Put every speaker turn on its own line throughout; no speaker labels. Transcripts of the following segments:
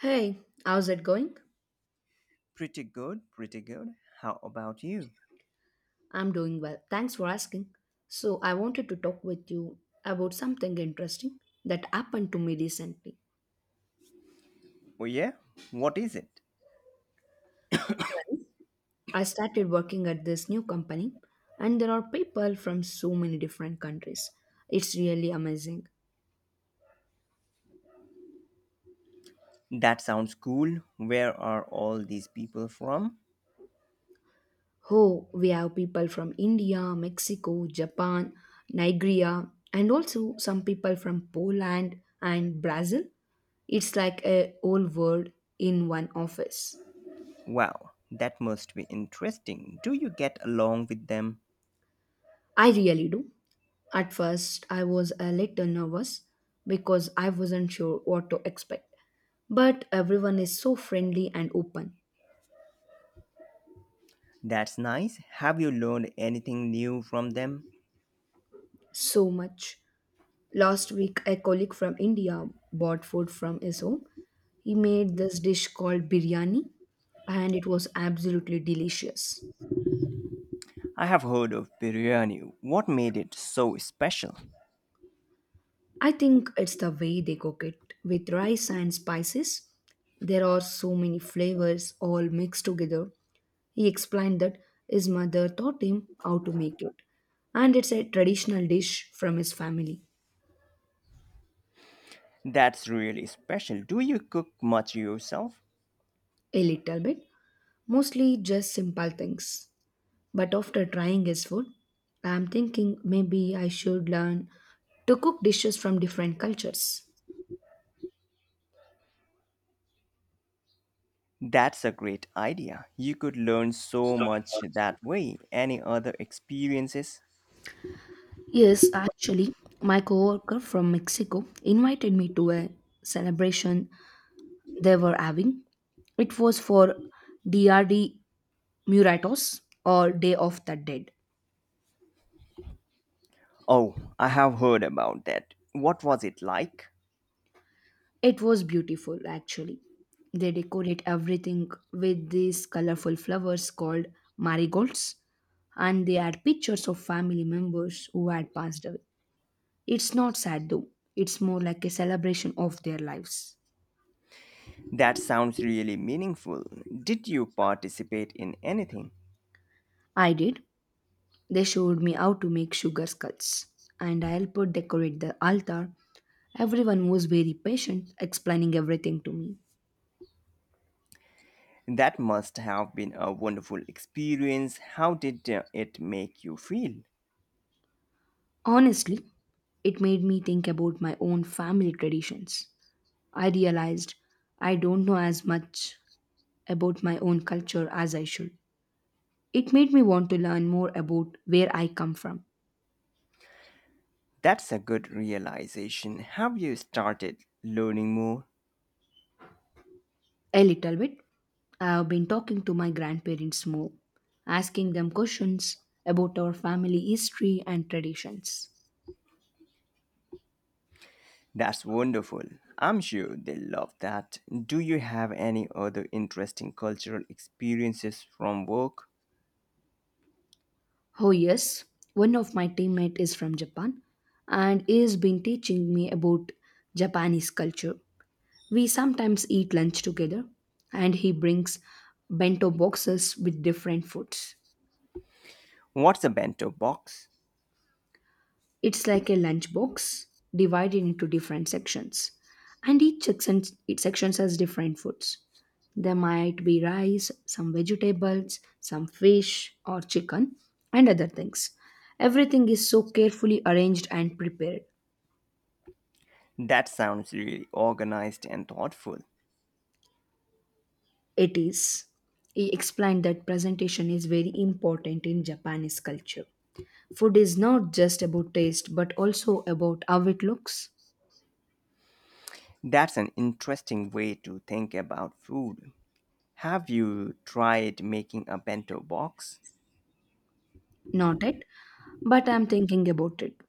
Hey, how's it going?
Pretty good, pretty good. How about you?
I'm doing well. Thanks for asking. So, I wanted to talk with you about something interesting that happened to me recently.
Oh, yeah? What is it?
Well, I started working at this new company, and there are people from so many different countries. It's really amazing.
That sounds cool. Where are all these people from?
Oh, we have people from India, Mexico, Japan, Nigeria, and also some people from Poland and Brazil. It's like a whole world in one office.
Wow, that must be interesting. Do you get along with them?
I really do. At first, I was a little nervous because I wasn't sure what to expect. But everyone is so friendly and open.
That's nice. Have you learned anything new from them?
So much. Last week, a colleague from India bought food from his home. He made this dish called biryani, and it was absolutely delicious.
I have heard of biryani. What made it so special?
I think it's the way they cook it with rice and spices. There are so many flavors all mixed together. He explained that his mother taught him how to make it, and it's a traditional dish from his family.
That's really special. Do you cook much yourself?
A little bit, mostly just simple things. But after trying his food, I'm thinking maybe I should learn to cook dishes from different cultures.
That's a great idea. You could learn so much that way. Any other experiences?
Yes, actually, my coworker from Mexico invited me to a celebration they were having. It was for DRD Muratos, or Day of the Dead.
Oh, I have heard about that. What was it like?
It was beautiful, actually. They decorate everything with these colorful flowers called marigolds, and they add pictures of family members who had passed away. It's not sad though, it's more like a celebration of their lives.
That sounds really meaningful. Did you participate in anything?
I did. They showed me how to make sugar skulls, and I helped decorate the altar. Everyone was very patient, explaining everything to me.
That must have been a wonderful experience. How did it make you feel?
Honestly, it made me think about my own family traditions. I realized I don't know as much about my own culture as I should. It made me want to learn more about where I come from.
That's a good realization. Have you started learning more?
A little bit. I have been talking to my grandparents more, asking them questions about our family history and traditions.
That's wonderful. I'm sure they love that. Do you have any other interesting cultural experiences from work?
Oh yes, one of my teammates is from Japan and he has been teaching me about Japanese culture. We sometimes eat lunch together, and he brings bento boxes with different foods.
What's a bento box?
It's like a lunch box divided into different sections, and each section has different foods. There might be rice, some vegetables, some fish or chicken, and other things. Everything is so carefully arranged and prepared.
That sounds really organized and thoughtful.
It is. He explained that presentation is very important in Japanese culture. Food is not just about taste but also about how it looks.
That's an interesting way to think about food. Have you tried making a bento box?
Not it, but I'm thinking about it.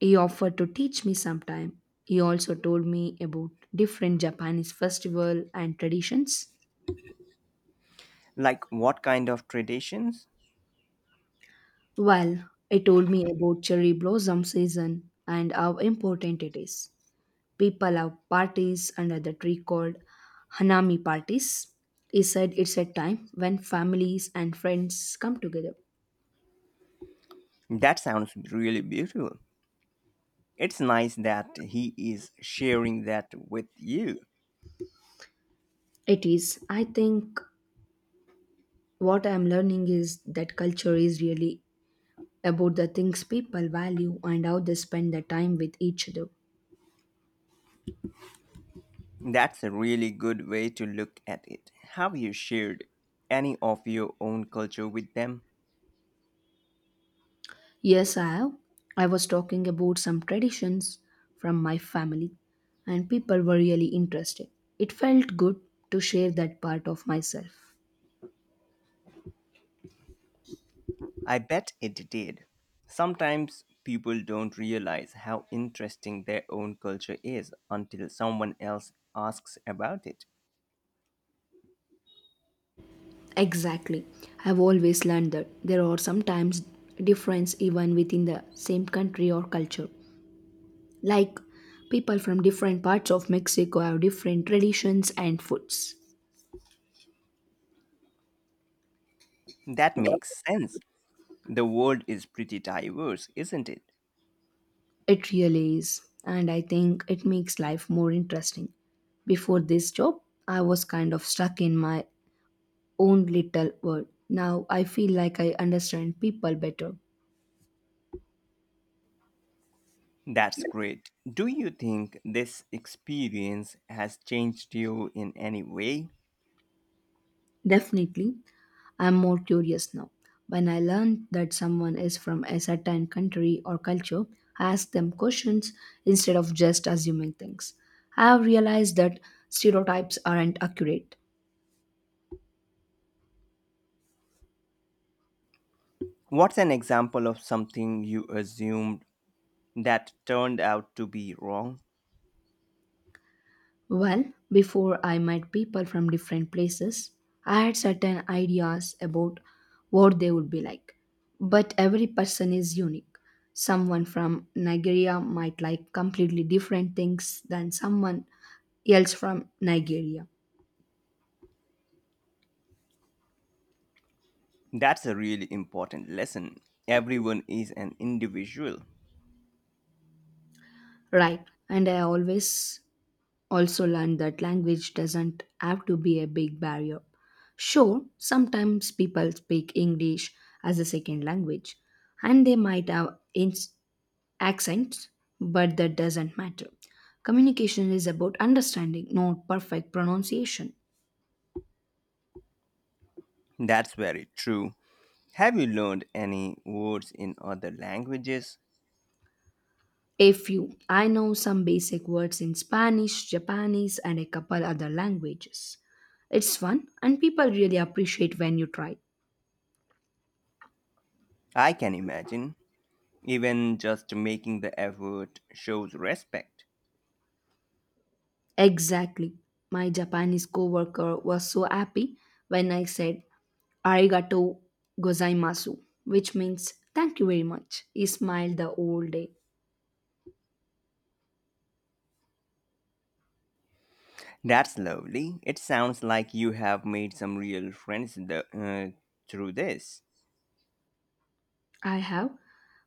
He offered to teach me sometime. He also told me about different Japanese festival and traditions.
Like what kind of traditions?
Well, he told me about cherry blossom season and how important it is. People have parties under the tree called hanami parties. He said it's a time when families and friends come together.
That sounds really beautiful. It's nice that he is sharing that with you.
It is, I think. What I'm learning is that culture is really about the things people value and how they spend their time with each other.
That's a really good way to look at it. Have you shared any of your own culture with them?
Yes, I have. I was talking about some traditions from my family, and people were really interested. It felt good to share that part of myself.
I bet it did. Sometimes people don't realize how interesting their own culture is until someone else asks about it.
Exactly. I've always learned that there are sometimes difference even within the same country or culture. Like people from different parts of Mexico have different traditions and foods.
That makes sense. The world is pretty diverse, isn't it?
It really is, and I think it makes life more interesting. Before this job, I was kind of stuck in my own little world. Now I feel like I understand people better.
That's great. Do you think this experience has changed you in any way?
Definitely, I'm more curious now. When I learn that someone is from a certain country or culture, I ask them questions instead of just assuming things. I have realized that stereotypes aren't accurate.
What's an example of something you assumed that turned out to be wrong?
Well, before I met people from different places, I had certain ideas about what they would be like. But every person is unique. Someone from Nigeria might like completely different things than someone else from Nigeria.
That's a really important lesson. Everyone is an individual.
Right. And I always also learned that language doesn't have to be a big barrier. Sure, sometimes people speak English as a second language and they might have accents, but that doesn't matter. Communication is about understanding, not perfect pronunciation.
That's very true. Have you learned any words in other languages?
A few. I know some basic words in Spanish, Japanese, and a couple other languages. It's fun, and people really appreciate when you try.
I can imagine. Even just making the effort shows respect.
Exactly. My Japanese coworker was so happy when I said arigato gozaimasu, which means thank you very much. He smiled the whole day.
That's lovely. It sounds like you have made some real friends through this.
I have.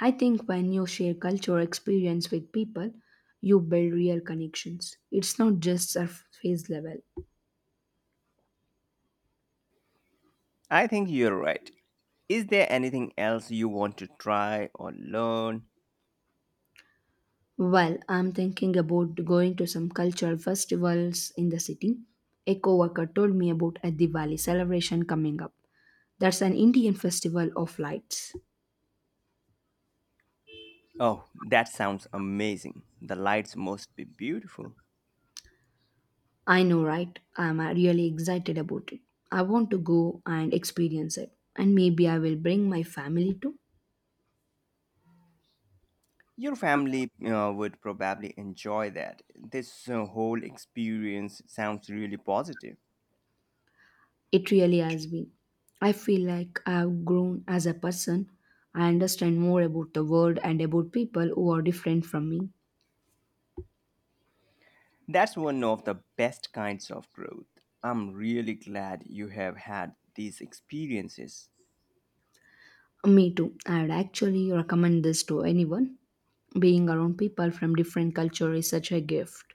I think when you share culture experience with people, you build real connections. It's not just surface level.
I think you're right. Is there anything else you want to try or learn?
Well, I'm thinking about going to some cultural festivals in the city. A coworker told me about a Diwali celebration coming up. That's an Indian festival of lights.
Oh, that sounds amazing. The lights must be beautiful.
I know, right? I'm really excited about it. I want to go and experience it. And maybe I will bring my family too.
Your family would probably enjoy that. This whole experience sounds really positive.
It really has been. I feel like I have grown as a person. I understand more about the world and about people who are different from me.
That's one of the best kinds of growth. I'm really glad you have had these experiences.
Me too. I would actually recommend this to anyone. Being around people from different culture is such a gift.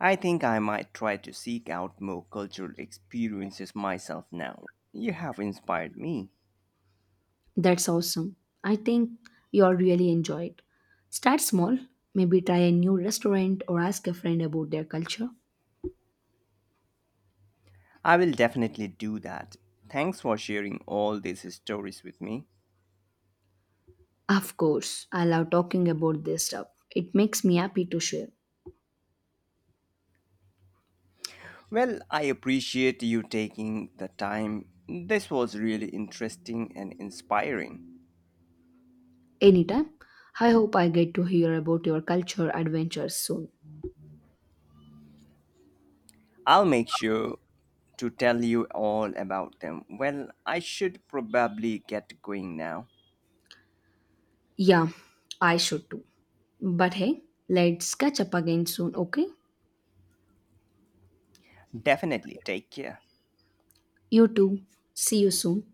I think I might try to seek out more cultural experiences myself now. You have inspired me.
That's awesome. I think you'll really enjoy it. Start small. Maybe try a new restaurant or ask a friend about their culture.
I will definitely do that. Thanks for sharing all these stories with me.
Of course, I love talking about this stuff. It makes me happy to share.
Well, I appreciate you taking the time. This was really interesting and inspiring.
Anytime. I hope I get to hear about your culture adventures soon.
I'll make sure to tell you all about them. Well, I should probably get going now.
Yeah, I should too. But hey, let's catch up again soon, okay?
Definitely take care.
You too. See you soon.